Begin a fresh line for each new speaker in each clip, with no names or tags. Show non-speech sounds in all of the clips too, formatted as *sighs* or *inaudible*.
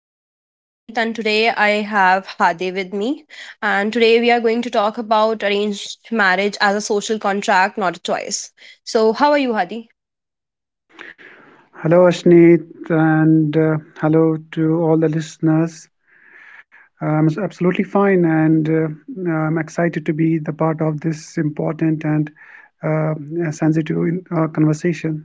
name is Ashneet, and today I have Hadi with me. And today we are going to talk about arranged marriage as a social contract, not a choice. So, how are you, Hadi?
Hello, Ashneet, and hello to all the listeners. I'm absolutely fine, and I'm excited to be the part of this important and uh, sensitive conversation.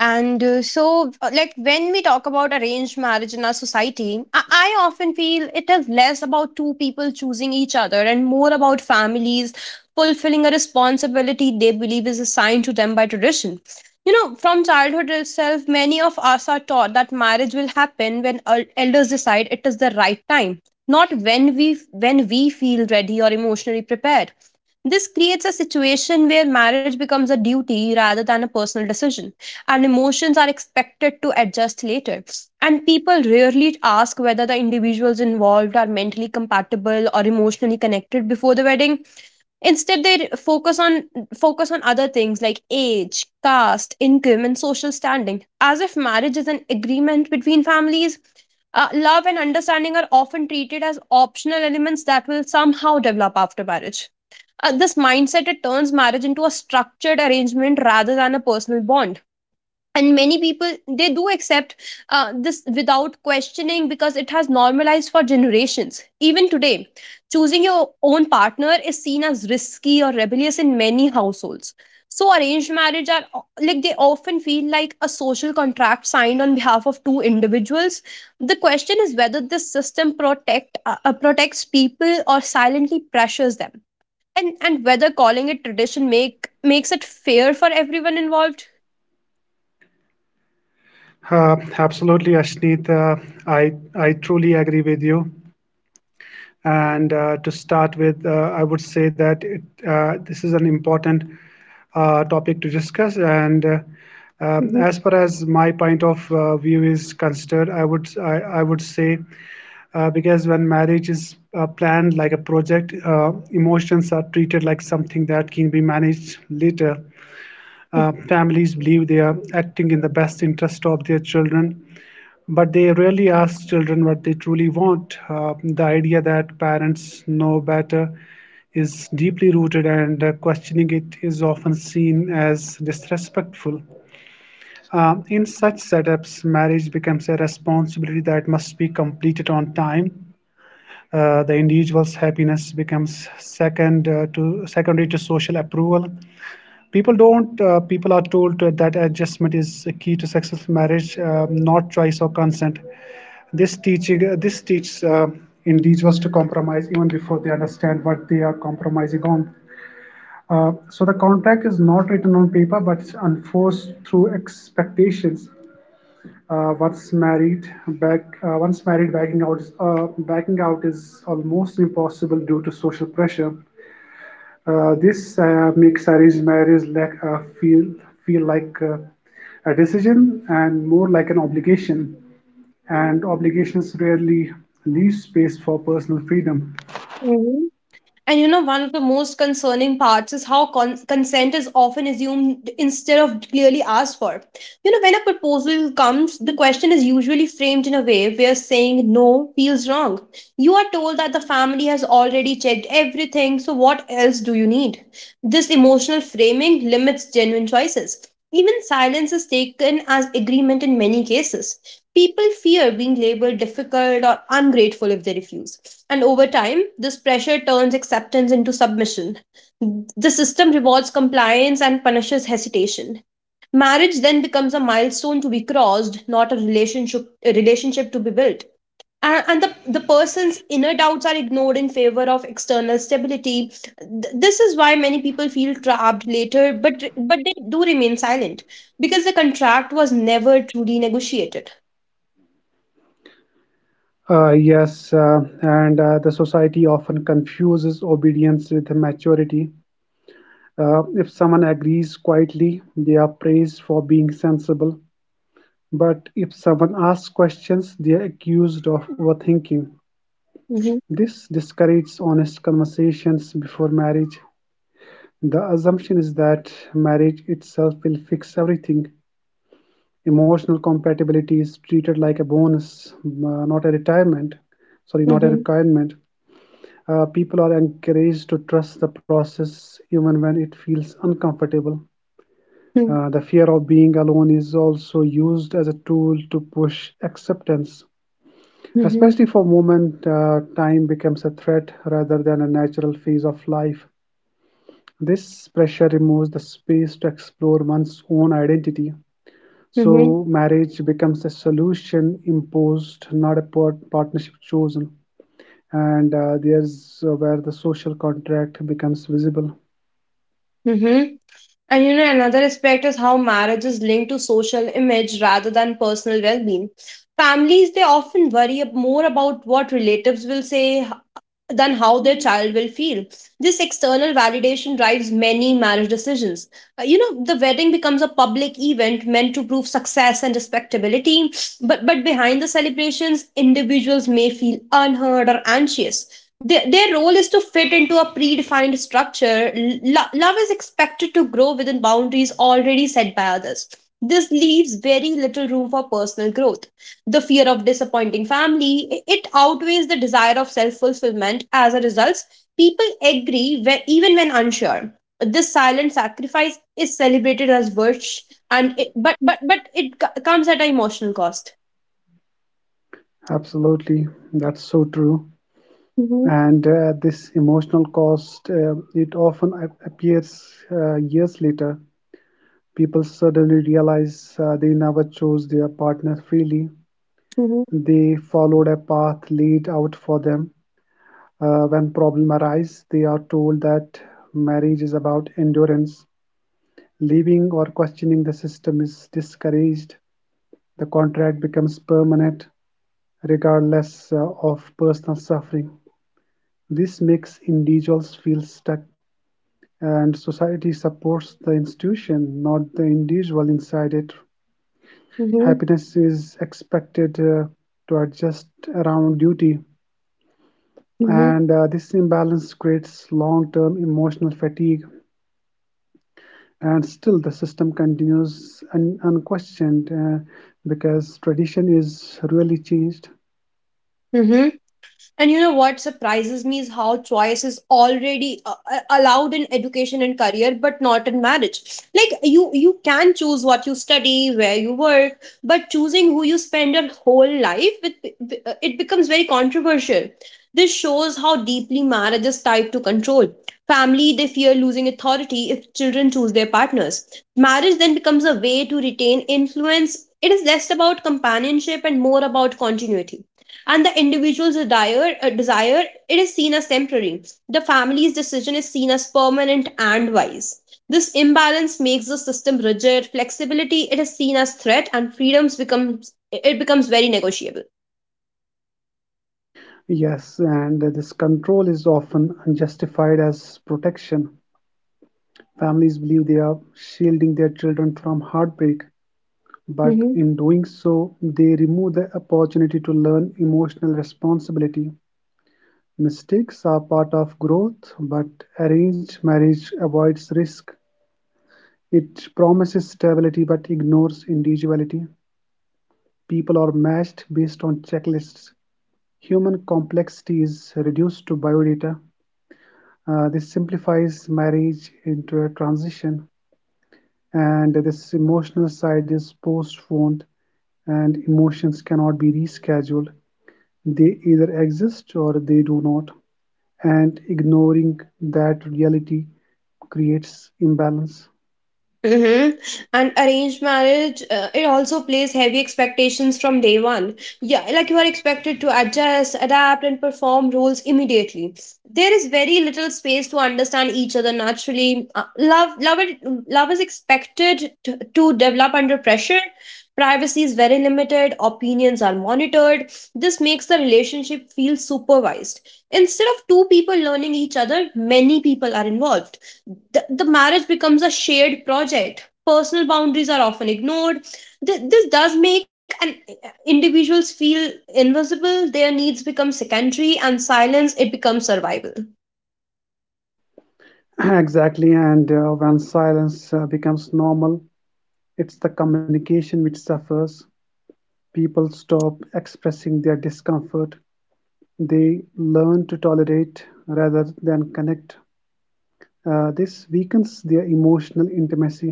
And so, like, when we talk about arranged marriage in our society, I often feel it is less about two people choosing each other and more about families fulfilling a responsibility they believe is assigned to them by tradition. You know, from childhood itself, many of us are taught that marriage will happen when elders decide it is the right time, not when we feel ready or emotionally prepared. This creates a situation where marriage becomes a duty rather than a personal decision, and emotions are expected to adjust later. And people rarely ask whether the individuals involved are mentally compatible or emotionally connected before the wedding. Instead, they focus on other things like age, caste, income, and social standing, as if marriage is an agreement between families. Love and understanding are often treated as optional elements that will somehow develop after marriage. This mindset, it turns marriage into a structured arrangement rather than a personal bond, and many people they do accept this without questioning because it has normalized for generations. Even today, choosing your own partner is seen as risky or rebellious in many households. So arranged marriage are like they often feel like a social contract signed on behalf of two individuals. The question is whether this system protects people or silently pressures them, and whether calling it tradition makes it fair for everyone involved.
Absolutely, Ashneet. I I truly agree with you. And to start with, I would say that this is an important topic to discuss. And As far as my point of view is considered, I would say because when marriage is planned like a project, emotions are treated like something that can be managed later. Families believe they are acting in the best interest of their children, but they rarely ask children what they truly want. The idea that parents know better is deeply rooted, and questioning it is often seen as disrespectful. In such setups, marriage becomes a responsibility that must be completed on time. The individual's happiness becomes secondary to social approval. People don't. People are told that adjustment is a key to successful marriage, not choice or consent. This teaching this teaches individuals to compromise even before they understand what they are compromising on. So the contract is not written on paper, but it's enforced through expectations. Once married, backing out is almost impossible due to social pressure. This makes arranged marriage feel like a decision and more like an obligation, and obligations rarely leave space for personal freedom.
Mhm. And you know, one of the most concerning parts is how consent is often assumed instead of clearly asked for. You know, when a proposal comes, the question is usually framed in a way where saying no feels wrong. You are told that the family has already checked everything, so what else do you need? This emotional framing limits genuine choices. Even silence is taken as agreement in many cases. People fear being labeled difficult or ungrateful if they refuse, and over time, this pressure turns acceptance into submission. The system rewards compliance and punishes hesitation. Marriage then becomes a milestone to be crossed, not a relationship, a relationship to be built, and the person's inner doubts are ignored in favor of external stability. This is why many people feel trapped later, but they do remain silent because the contract was never truly negotiated.
Yes, and the society often confuses obedience with maturity. If someone agrees quietly, they are praised for being sensible. But if someone asks questions, they are accused of overthinking.
Mm-hmm.
This discourages honest conversations before marriage. The assumption is that marriage itself will fix everything. Emotional compatibility is treated like a bonus, not a retirement. Sorry, not a
Mm-hmm.
requirement. People are encouraged to trust the process even when it feels uncomfortable.
Mm-hmm.
The fear of being alone is also used as a tool to push acceptance,
Mm-hmm.
especially for women. Time becomes a threat rather than a natural phase of life. This pressure removes the space to explore one's own identity.
Mm-hmm.
So marriage becomes a solution imposed, not a partnership chosen. And there's where the social contract becomes visible.
Mm-hmm. And you know, another aspect is how marriage is linked to social image rather than personal well being. Families, they often worry more about what relatives will say than how their child will feel. This external validation drives many marriage decisions. You know, the wedding becomes a public event meant to prove success and respectability, but behind the celebrations, individuals may feel unheard or anxious. Their role is to fit into a predefined structure. Love is expected to grow within boundaries already set by others. This leaves very little room for personal growth. The fear of disappointing family, it outweighs the desire of self-fulfillment. As a result, people agree, where, even when unsure. This silent sacrifice is celebrated as virtue, and it, but it co- comes at an emotional cost.
Absolutely, that's so true.
Mm-hmm.
And this emotional cost, it often appears years later. People suddenly realize they never chose their partner freely.
Mm-hmm.
They followed a path laid out for them. When problem arise, they are told that marriage is about endurance. Leaving or questioning the system is discouraged; the contract becomes permanent, regardless of personal suffering. This makes individuals feel stuck, and society supports the institution, not the individual inside it.
Mm-hmm.
Happiness is expected to adjust around duty,
Mm-hmm.
and this imbalance creates long term emotional fatigue, and still the system continues unquestioned, because tradition is really changed.
Mm-hmm. And you know what surprises me is how choice is already allowed in education and career, but not in marriage. Like you can choose what you study, where you work, but choosing who you spend your whole life with, it becomes very controversial. This shows how deeply marriage is tied to control. Family, they fear losing authority if children choose their partners. Marriage then becomes a way to retain influence. It is less about companionship and more about continuity, and the individual's desire, it is seen as temporary. The family's decision is seen as permanent and wise. This imbalance makes the system rigid. Flexibility, it is seen as threat, and freedoms becomes, it becomes very negotiable.
Yes, and this control is often unjustified as protection. Families believe they are shielding their children from heartbreak, but
Mm-hmm.
in doing so they remove the opportunity to learn emotional responsibility. Mistakes are part of growth, but arranged marriage avoids risk. It promises stability but ignores individuality. People are matched based on checklists; human complexity is reduced to biodata. This simplifies marriage into a transition, and this emotional side is postponed, and emotions cannot be rescheduled. They either exist or they do not, and ignoring that reality creates imbalance.
Mm-hmm. And arranged marriage, it also plays heavy expectations from day one. Yeah, like you are expected to adjust, adapt, and perform roles immediately. There is very little space to understand each other naturally. Love is expected to develop under pressure. Privacy is very limited. Opinions are monitored. This makes the relationship feel supervised. Instead of two people learning each other, many people are involved. The marriage becomes a shared project. Personal boundaries are often ignored. This does make an individuals feel invisible. Their needs become secondary, and silence, it becomes survival.
*clears throat* Exactly, and when silence becomes normal, it's the communication which suffers. People stop expressing their discomfort; they learn to tolerate rather than connect. This weakens their emotional intimacy.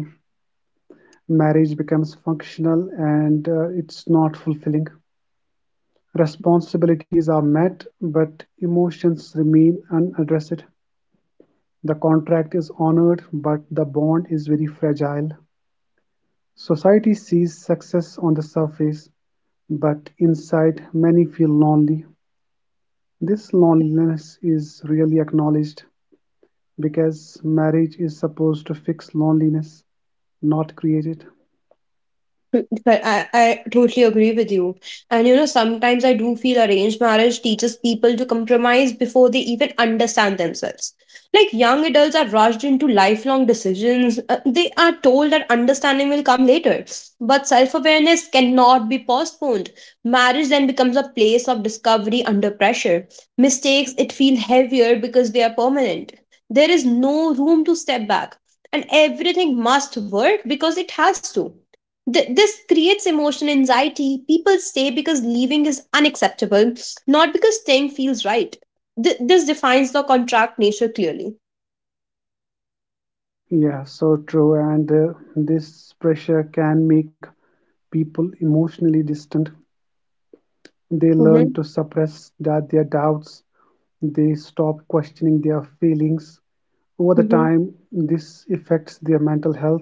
Marriage becomes functional and it's not fulfilling. Responsibilities are met, but emotions remain unaddressed. The contract is honored, but the bond is very fragile. Society sees success on the surface, but inside many feel lonely. This loneliness is really acknowledged, because marriage is supposed to fix loneliness, not create it.
Mm. But I totally agree with you. And you know, sometimes I do feel arranged marriage teaches people to compromise before they even understand themselves. Like young adults are rushed into lifelong decisions. They are told that understanding will come later. But self awareness cannot be postponed. Marriage then becomes a place of discovery under pressure. Mistakes, it feel heavier because they are permanent. There is no room to step back. And everything must work because it has to. This creates emotional anxiety. People stay because leaving is unacceptable, not because staying feels right. This defines the contract nature clearly.
Yeah, so true. And this pressure can make people emotionally distant. They learn to
Mm-hmm.
suppress that their doubts. They stop questioning their feelings. Over the
Mm-hmm.
time, this affects their mental health.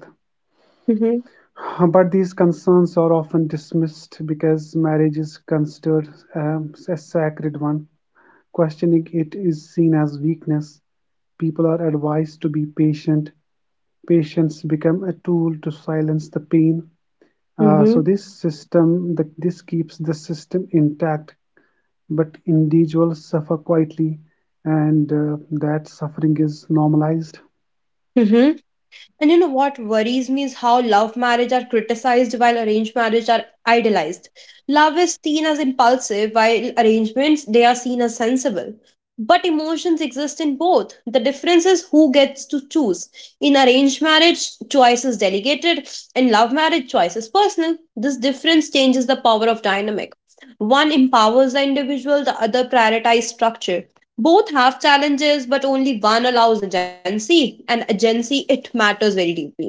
*sighs* But these concerns are often dismissed because marriage is considered a sacred one. Questioning it is seen as weakness; people are advised to be patient; patients become a tool to silence the pain. So
Mm-hmm.
this keeps the system intact, but individuals suffer quietly, and that suffering is normalized.
Mm-hmm. And you know what worries me is how love marriage are criticized while arranged marriage are idealized. Love is seen as impulsive while arrangements, they are seen as sensible. But emotions exist in both. The difference is who gets to choose. In arranged marriage, choice is delegated. In love marriage, choice is personal. This difference changes the power of dynamic. One empowers the individual, the other prioritizes structure. Both have challenges, but only one allows agency, and agency, it matters very deeply.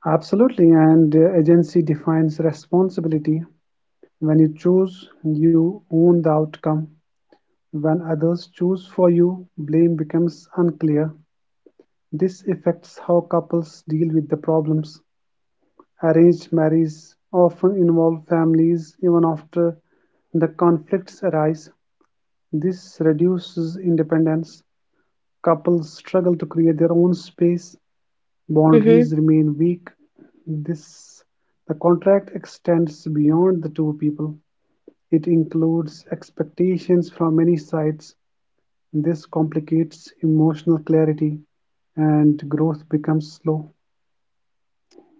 Absolutely, and agency defines responsibility. When you choose, you own the outcome. When others choose for you, blame becomes unclear. This affects how couples deal with the problems; arranged marriages often involve families even after the conflicts arise. This reduces independence; couples struggle to create their own space, boundaries remain weak. This The contract extends beyond the two people. It includes expectations from many sides. This complicates emotional clarity, and growth becomes slow.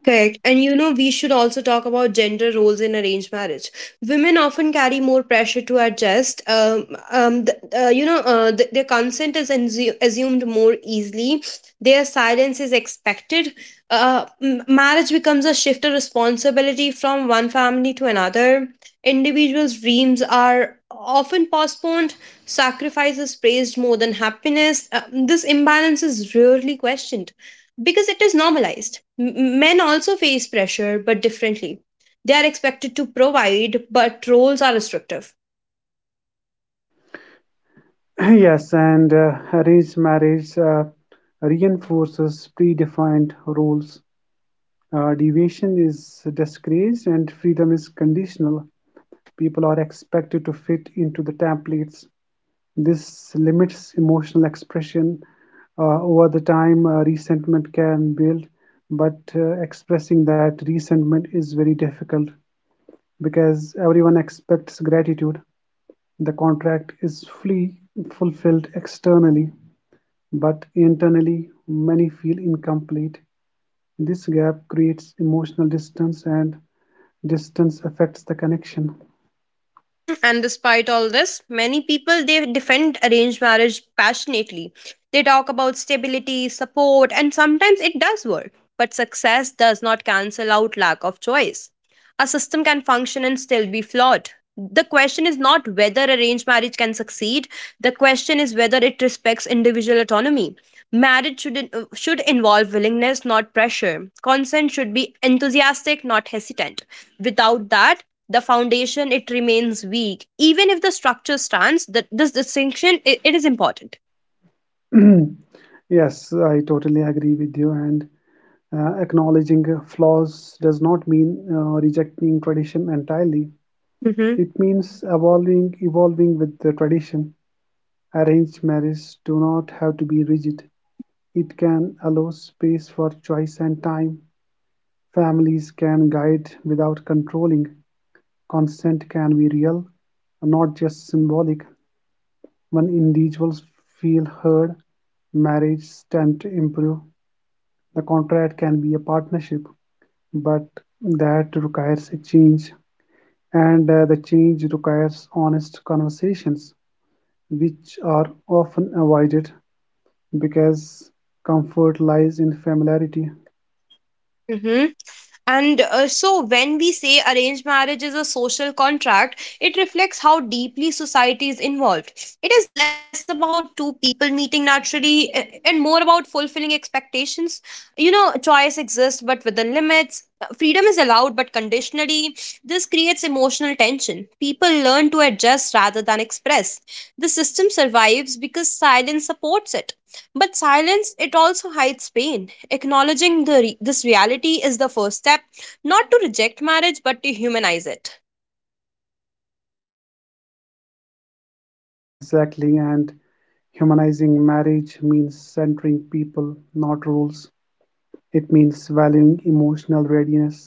Correct. And you know, we should also talk about gender roles in arranged marriage. Women often carry more pressure to adjust. Their consent is assumed more easily, their silence is expected. Marriage becomes a shift of responsibility from one family to another. Individuals' dreams are often postponed, sacrifice is praised more than happiness. This imbalance is rarely questioned because it is normalized. Men also face pressure, but differently. They are expected to provide, but roles are restrictive.
*coughs* Yes, and arranged marriage reinforces predefined roles. Deviation is discouraged and freedom is conditional. People are expected to fit into the templates. This limits emotional expression. Over the time, resentment can build, but expressing that resentment is very difficult because everyone expects gratitude. The contract is fully fulfilled externally, but internally, many feel incomplete. This gap creates emotional distance, and distance affects the connection.
Mm-hmm. And despite all this, many people they defend arranged marriage passionately. They talk about stability, support, and sometimes it does work. But success does not cancel out lack of choice. A system can function and still be flawed. The question is not whether arranged marriage can succeed. The question is whether it respects individual autonomy. Marriage should should involve willingness, not pressure. Consent should be enthusiastic, not hesitant. Without that, the foundation, it remains weak even if the structure stands. That this distinction, it is important.
*clears throat* Yes, I totally agree with you. And acknowledging flaws does not mean rejecting tradition entirely. It
Mm-hmm.
means evolving, evolving with the tradition. Arranged marriages do not have to be rigid. It can allow space for choice and time. Families can guide without controlling. Consent can be real, not just symbolic. When individuals feel heard, marriages tend to improve. The contract can be a partnership, but that requires a change, and the change requires honest conversations, which are often avoided because comfort lies in familiarity.
Mm-hmm. And so, when we say arranged marriage is a social contract, it reflects how deeply society is involved. It is less about two people meeting naturally and more about fulfilling expectations. You know, choice exists, but within limits. Freedom is allowed, but conditionally. This creates emotional tension. People learn to adjust rather than express. The system survives because silence supports it. But silence, it also hides pain. Acknowledging this reality is the first step, not to reject marriage, but to humanize it.
Exactly, and humanizing marriage means centering people, not rules. It means valuing emotional readiness.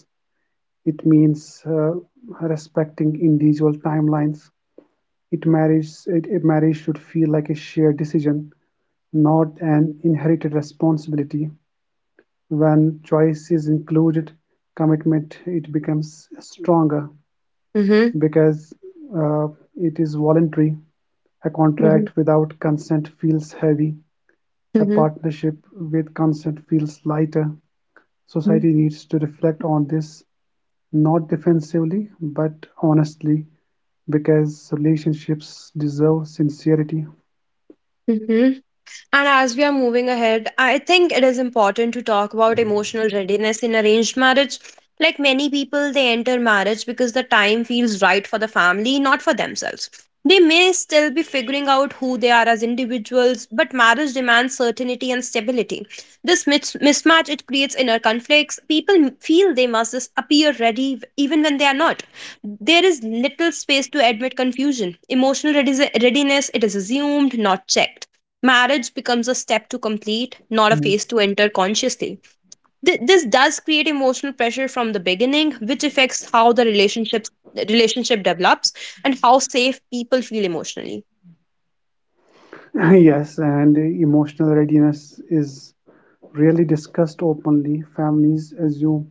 It means respecting individual timelines. A marriage should feel like a shared decision, not an inherited responsibility. When choice is included, commitment it becomes stronger
Mm-hmm.
because uh, it is voluntary. A
Mm-hmm.
contract without consent feels heavy. A
Mm-hmm.
partnership with consent feels lighter. Society needs to reflect on this. Not defensively, but honestly, because relationships deserve sincerity.
Mm-hmm. And as we are moving ahead, I think it is important to talk about emotional readiness in arranged marriage. Like many people, they enter marriage because the time feels right for the family, not for themselves. They may still be figuring out who they are as individuals, but marriage demands certainty and stability. This mismatch, it creates inner conflicts. People feel they must just appear ready even when they are not. There is little space to admit confusion. Emotional readiness, it is assumed, not checked. Marriage becomes a step to complete, not a
Mm.
phase to enter consciously. This does create emotional pressure from the beginning, which affects how the relationship develops and how safe people feel emotionally.
*laughs* Yes, and emotional readiness is rarely discussed openly. Families assume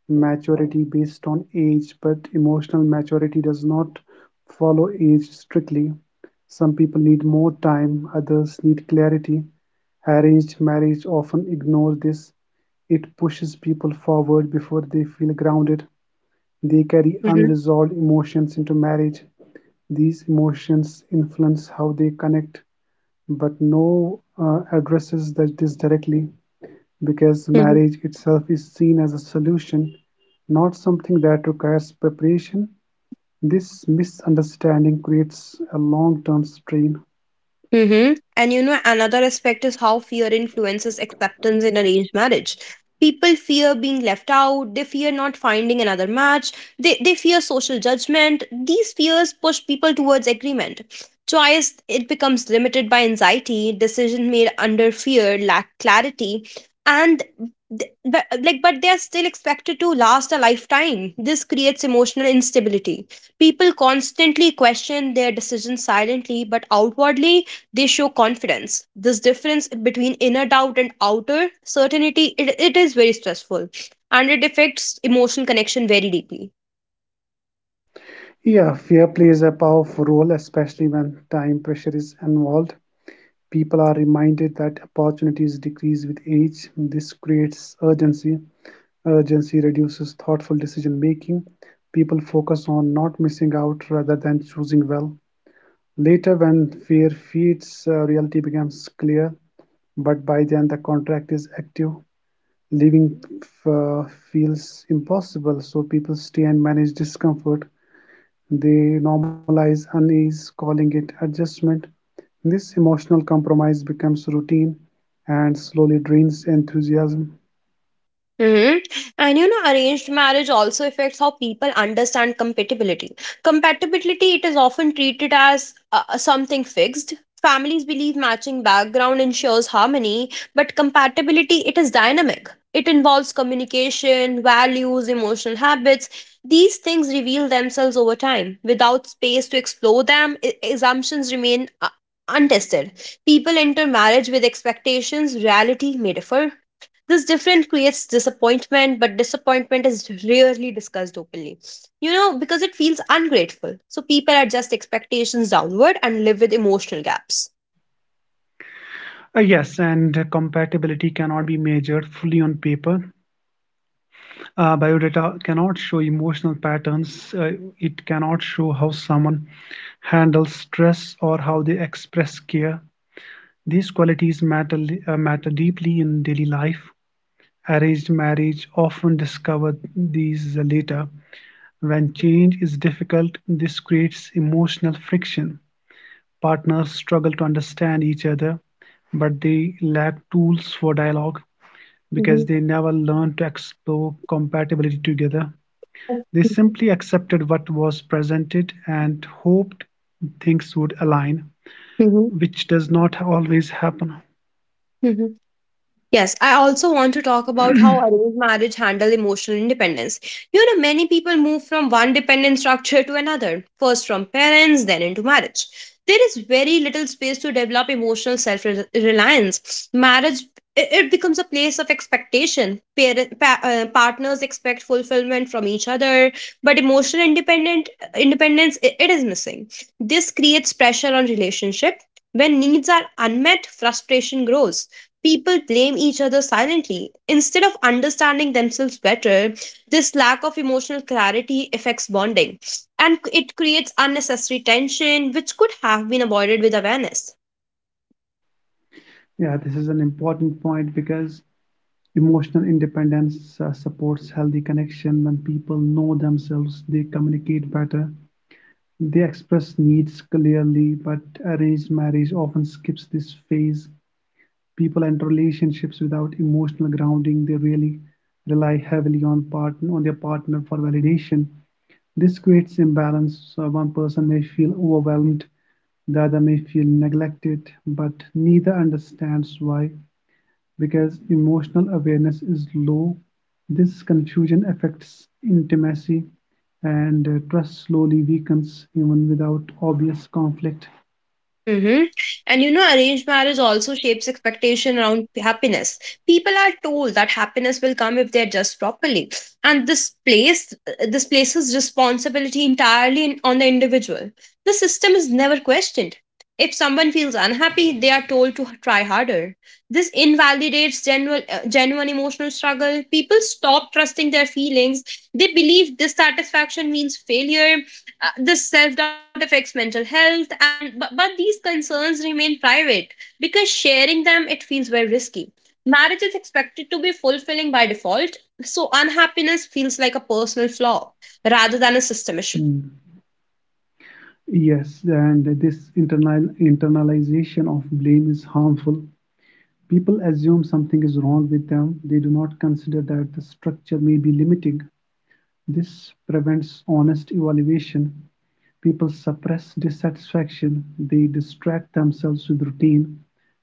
maturity based on age, but emotional maturity does not follow age strictly. Some people need more time, others need clarity. Arranged marriage often ignores this. It pushes people forward before they feel grounded. They carry
Mhm.
unresolved emotions into marriage; these emotions influence how they connect, but no addresses that this directly, because
Mhm.
marriage itself is seen as a solution, not something that requires preparation. This misunderstanding creates a long-term strain.
Mm-hmm. And you know, another aspect is how fear influences acceptance in arranged marriage. People fear being left out, they fear not finding another match, they fear social judgment. These fears push people towards agreement. Choice, it becomes limited by anxiety, decision made under fear, lack clarity, and but they are still expected to last a lifetime. This creates emotional instability. People constantly question their decisions silently, but outwardly they show confidence. This difference between inner doubt and outer certainty, it is very stressful, and it affects emotional connection very deeply.
Yeah, fear plays a powerful role, especially when time pressure is involved. People are reminded that opportunities decrease with age. This creates urgency. Urgency reduces thoughtful decision-making; people focus on not missing out rather than choosing well. Later, when fear feeds reality becomes clear, but by then the contract is active. Living f- uh, feels impossible, so people stay and manage discomfort. They normalize unease, calling it adjustment. This emotional compromise becomes routine and slowly drains enthusiasm.
Hmm. And you know, arranged marriage also affects how people understand compatibility. Compatibility, it is often treated as something fixed. Families believe matching background ensures harmony, but compatibility, it is dynamic. It involves communication, values, emotional habits. These things reveal themselves over time. Without space to explore them, assumptions remain untested. People enter marriage with expectations, reality may differ. This difference creates disappointment, but disappointment is rarely discussed openly, because it feels ungrateful. So people adjust expectations downward and live with emotional gaps.
Yes, and compatibility cannot be measured fully on paper. Biodata cannot show emotional patterns. It cannot show how someone handles stress or how they express care. These qualities matter, matter deeply in daily life. Arranged marriage often discover these later. When change is difficult, this creates emotional friction. Partners struggle to understand each other, but they lack tools for dialogue, because they
Mm-hmm.
never learned to explore compatibility together. They simply accepted what was presented and hoped things would align,
Mm-hmm.
which does not always happen.
Yes, I also want to talk about how arranged marriage handle emotional independence. You know, many people move from one dependent structure to another, first from parents, then into marriage. There is very little space to develop emotional self reliance. Marriage it becomes a place of expectation. Partners expect fulfillment from each other, but emotional independent independence I- it is missing. This creates pressure on relationship. When needs are unmet, frustration grows. People blame each other silently. Instead of understanding themselves better, this lack of emotional clarity affects bonding and it creates unnecessary tension, which could have been avoided with awareness.
Yeah, this is an important point because emotional independence supports healthy connection. When people know themselves, they communicate better, they express needs clearly, but arranged marriage often skips this phase. People enter relationships without emotional grounding. They really rely heavily on their partner for validation. This creates imbalance. So one person may feel overwhelmed, the other may feel neglected, but neither understands why, because emotional awareness is low. This confusion affects intimacy, and trust slowly weakens even without obvious conflict.
Mm-hmm. And you know, arranged marriage also shapes expectation around happiness. People are told that happiness will come if they adjust properly, and this places responsibility entirely on the individual. The system is never questioned. If someone feels unhappy, they are told to try harder. This invalidates genuine emotional struggle. People stop trusting their feelings. They believe dissatisfaction means failure. This self doubt affects mental health, but these concerns remain private because sharing them it feels very risky. Marriage is expected to be fulfilling by default, so unhappiness feels like a personal flaw rather than a system issue.
Hmm. Yes, and this internalization of blame is harmful. People assume something is wrong with them. They do not consider that the structure may be limiting. This prevents honest evaluation. People suppress dissatisfaction. They distract themselves with routine,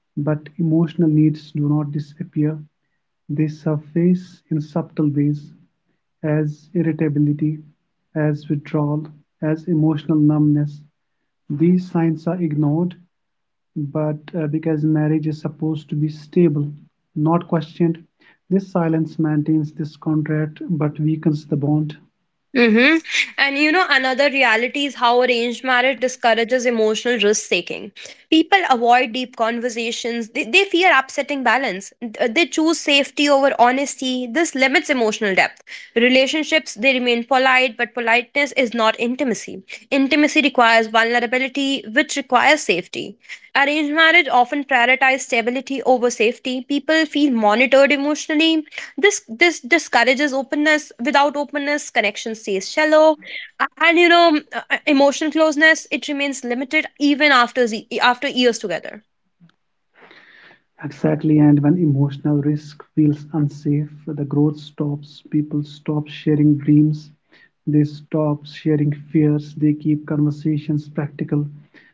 but emotional needs do not disappear. They surface in subtle ways, as irritability, as withdrawal, as emotional numbness. These signs are ignored, but because marriage is supposed to be stable, not questioned, this silence maintains this contract but weakens the bond.
Mm-hmm. And you know, another reality is how arranged marriage discourages emotional risk taking. People avoid deep conversations, they fear upsetting balance. They choose safety over honesty. This limits emotional depth. Relationships, they remain polite, but politeness is not intimacy. Intimacy requires vulnerability, which requires safety. Arranged marriage often prioritizes stability over safety. People feel monitored emotionally, this discourages openness. Without openness connection stays shallow. And you know, emotional closeness it remains limited even after after years together.
Exactly, and when emotional risk feels unsafe, the growth stops. People stop sharing dreams, they stop sharing fears, they keep conversations practical.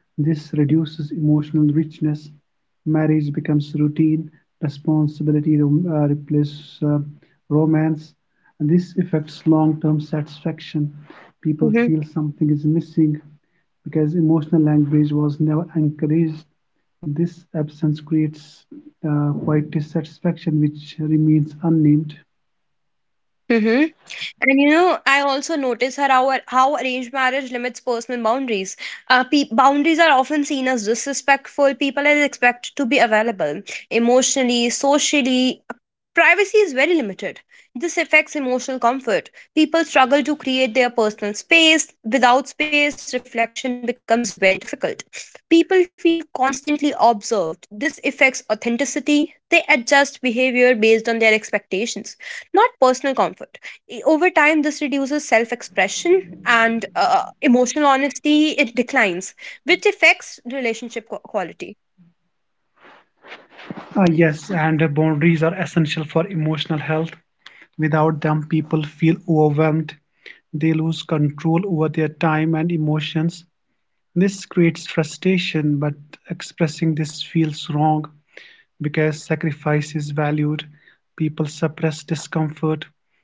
This reduces emotional richness. Marriage becomes routine, responsibility replaces romance. And this affects long term satisfaction. People
Hmm.
feel something is missing because emotional language was never encouraged. This absence creates quite dissatisfaction which remains unnamed.
Hmm. And you know, I also notice her how arranged marriage limits personal boundaries. Boundaries are often seen as disrespectful. People are expected to be available emotionally, socially. Privacy is very limited. This affects emotional comfort. People struggle to create their personal space. Without space, reflection becomes very difficult. People feel constantly observed. This affects authenticity. They adjust behavior based on their expectations, not personal comfort. Over time this reduces self-expression and emotional honesty it declines, which affects relationship quality.
Ah yes, and boundaries are essential for emotional health. Without them, people feel overwhelmed. They lose control over their time and emotions. This creates frustration, but expressing this feels wrong because sacrifice is valued. People suppress discomfort.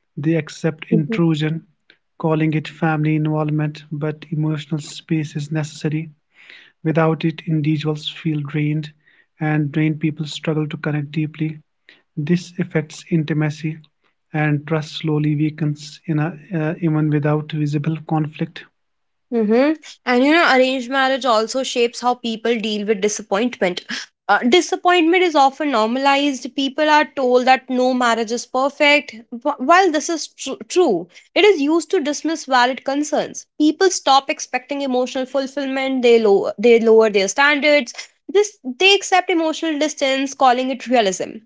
They accept intrusion, calling it family involvement, but emotional space is necessary. Without it, individuals feel drained, and drained people struggle to connect deeply. This affects intimacy, and trust slowly weakens even without visible conflict.
Mm-hmm. And you know, arranged marriage also shapes how people deal with disappointment. Disappointment is often normalized. People are told that no marriage is perfect. While this is true, it is used to dismiss valid concerns. People stop expecting emotional fulfillment. They lower their standards. This They accept emotional distance, calling it realism.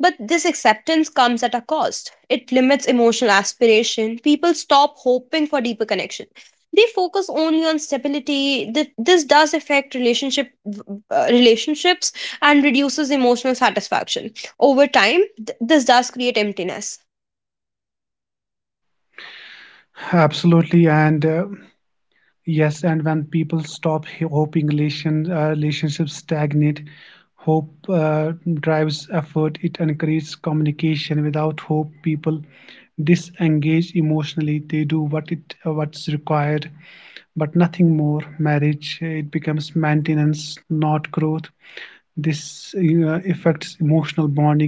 But this acceptance comes at a cost. It limits emotional aspiration. People stop hoping for deeper connection, they focus only on stability. This does affect relationships and reduces emotional satisfaction. Over time this does create emptiness.
Absolutely, and yes, and when people stop hoping, relationships stagnate. Hope drives effort; it encourages communication. Without hope, people disengage emotionally. They do what's required but nothing more. Marriage, it becomes maintenance, not growth. This affects emotional bonding.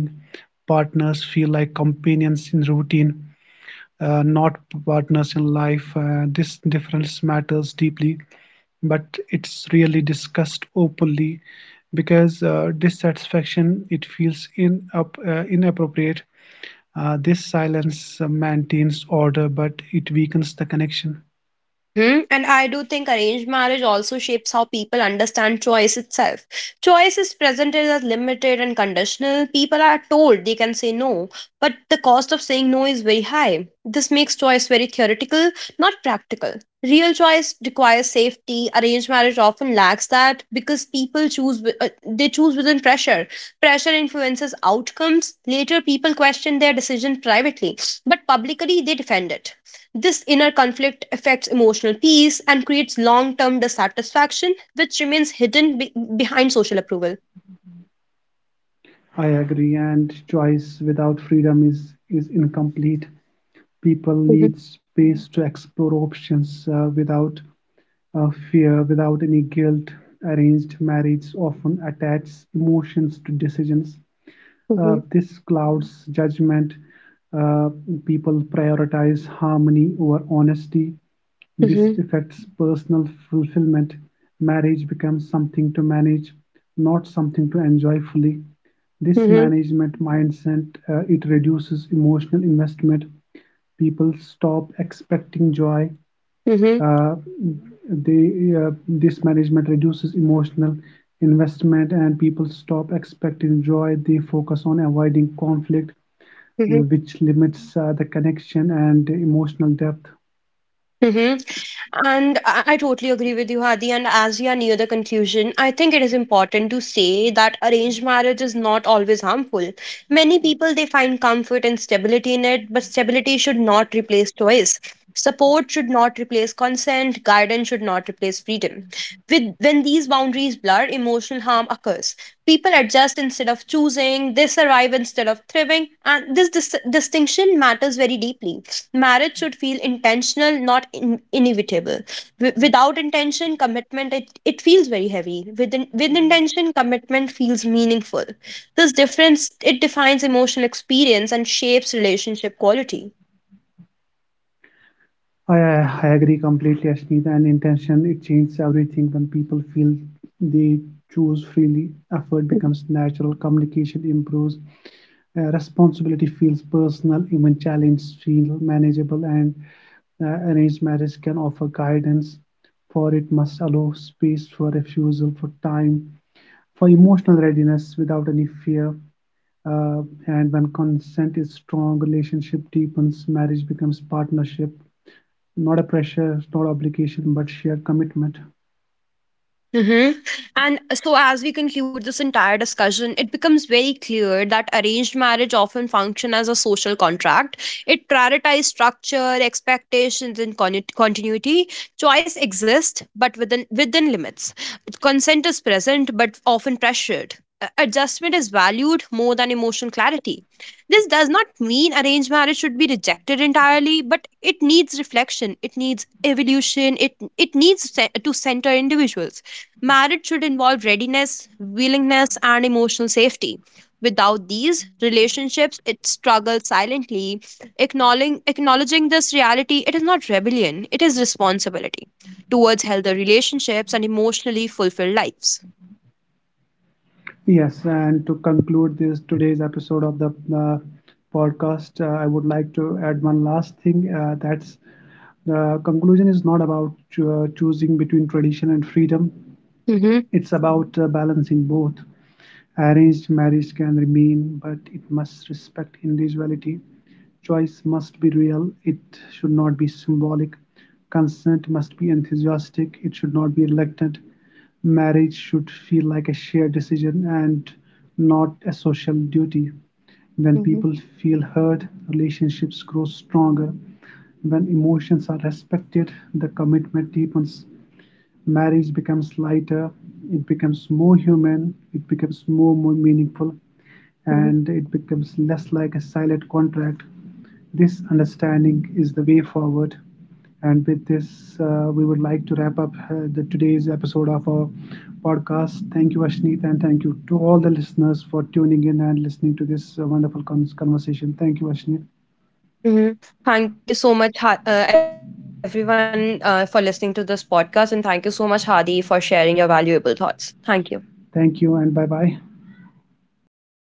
Partners feel like companions in routine, not partners in life. This difference matters deeply, but it's rarely discussed openly because dissatisfaction it feels inappropriate. This silence maintains order, but it weakens the connection.
Mm-hmm. And I do think arranged marriage also shapes how people understand choice itself. Choice is presented as limited and conditional. People are told they can say no, but the cost of saying no is very high. This makes choice very theoretical, not practical. Real choice requires safety. Arranged marriage often lacks that because they choose within pressure. Pressure influences outcomes. Later, people question their decision privately, but publicly they defend it. This inner conflict affects emotional peace and creates long term dissatisfaction, which remains hidden behind social approval.
I agree, and choice without freedom is incomplete. People need
Mm-hmm.
space to explore options without fear, without any guilt. Arranged marriage often attaches emotions to decisions;
Mm-hmm.
this clouds judgment. Uh, People prioritize harmony over honesty. This
Mm-hmm.
affects personal fulfillment. Marriage becomes something to manage, not something to enjoy fully. This
Mm-hmm.
management mindset, it reduces emotional investment. People stop expecting joy
Mm-hmm.
uh, this management reduces emotional investment and people stop expecting joy. They focus on avoiding conflict, which limits the connection and emotional depth.
Mm-hmm. And I totally agree with you, Hadi. And as we are near the conclusion, I think it is important to say that arranged marriage is not always harmful. Many people they find comfort and stability in it, but stability should not replace choice. Support should not replace consent, guidance should not replace freedom. With when these boundaries blur, emotional harm occurs. People adjust instead of choosing, they survive instead of thriving, and this distinction matters very deeply. Marriage should feel intentional, not inevitable. Without intention commitment it feels very heavy. With intention commitment feels meaningful. This difference it defines emotional experience and shapes relationship quality.
I agree completely, Ashneet, and intention it changes everything when people feel they choose freely. Effort becomes natural, communication improves, responsibility feels personal, even challenges feel manageable, and arranged marriage can offer guidance, for it must allow space for refusal, for time, for emotional readiness without any fear. Uh, and when consent is strong, relationship deepens, marriage becomes partnership not a pressure, not obligation, but sheer commitment.
Hmm. And so, as we conclude this entire discussion, it becomes very clear that arranged marriage often function as a social contract. It prioritizes structure, expectations, and continuity. Choice exists, but within limits. Consent is present, but often pressured. Adjustment is valued more than emotional clarity. This does not mean arranged marriage should be rejected entirely, but it needs reflection. It needs evolution. It needs to center individuals. Marriage should involve readiness, willingness, and emotional safety. Without these relationships, it struggles silently. Acknowledging this reality, it is not rebellion, it is responsibility towards healthy relationships and emotionally fulfilled lives.
Yes, and to conclude this today's episode of the uh, podcast, I would like to add one last thing. That's the conclusion is not about choosing between tradition and freedom.
Hmm.
It's about balancing both. Arranged marriage can remain, but it must respect individuality. Choice must be real, it should not be symbolic. Consent must be enthusiastic, it should not be reluctant. Marriage should feel like a shared decision and not a social duty. When people
Hmm.
feel heard, relationships grow stronger. When emotions are respected, the commitment deepens. Marriage becomes lighter, it becomes more human, it becomes more, more meaningful, and
Mhm.
it becomes less like a silent contract. This understanding is the way forward. And with this, we would like to wrap up the today's episode of our podcast. Thank you, Ashneet, and thank you to all the listeners for tuning in and listening to this wonderful conversation. Thank you, Ashneet.
Mhm. Thank you so much, everyone, for listening to this podcast. And thank you so much, Hadi, for sharing your valuable thoughts. Thank you.
Thank you, and bye bye.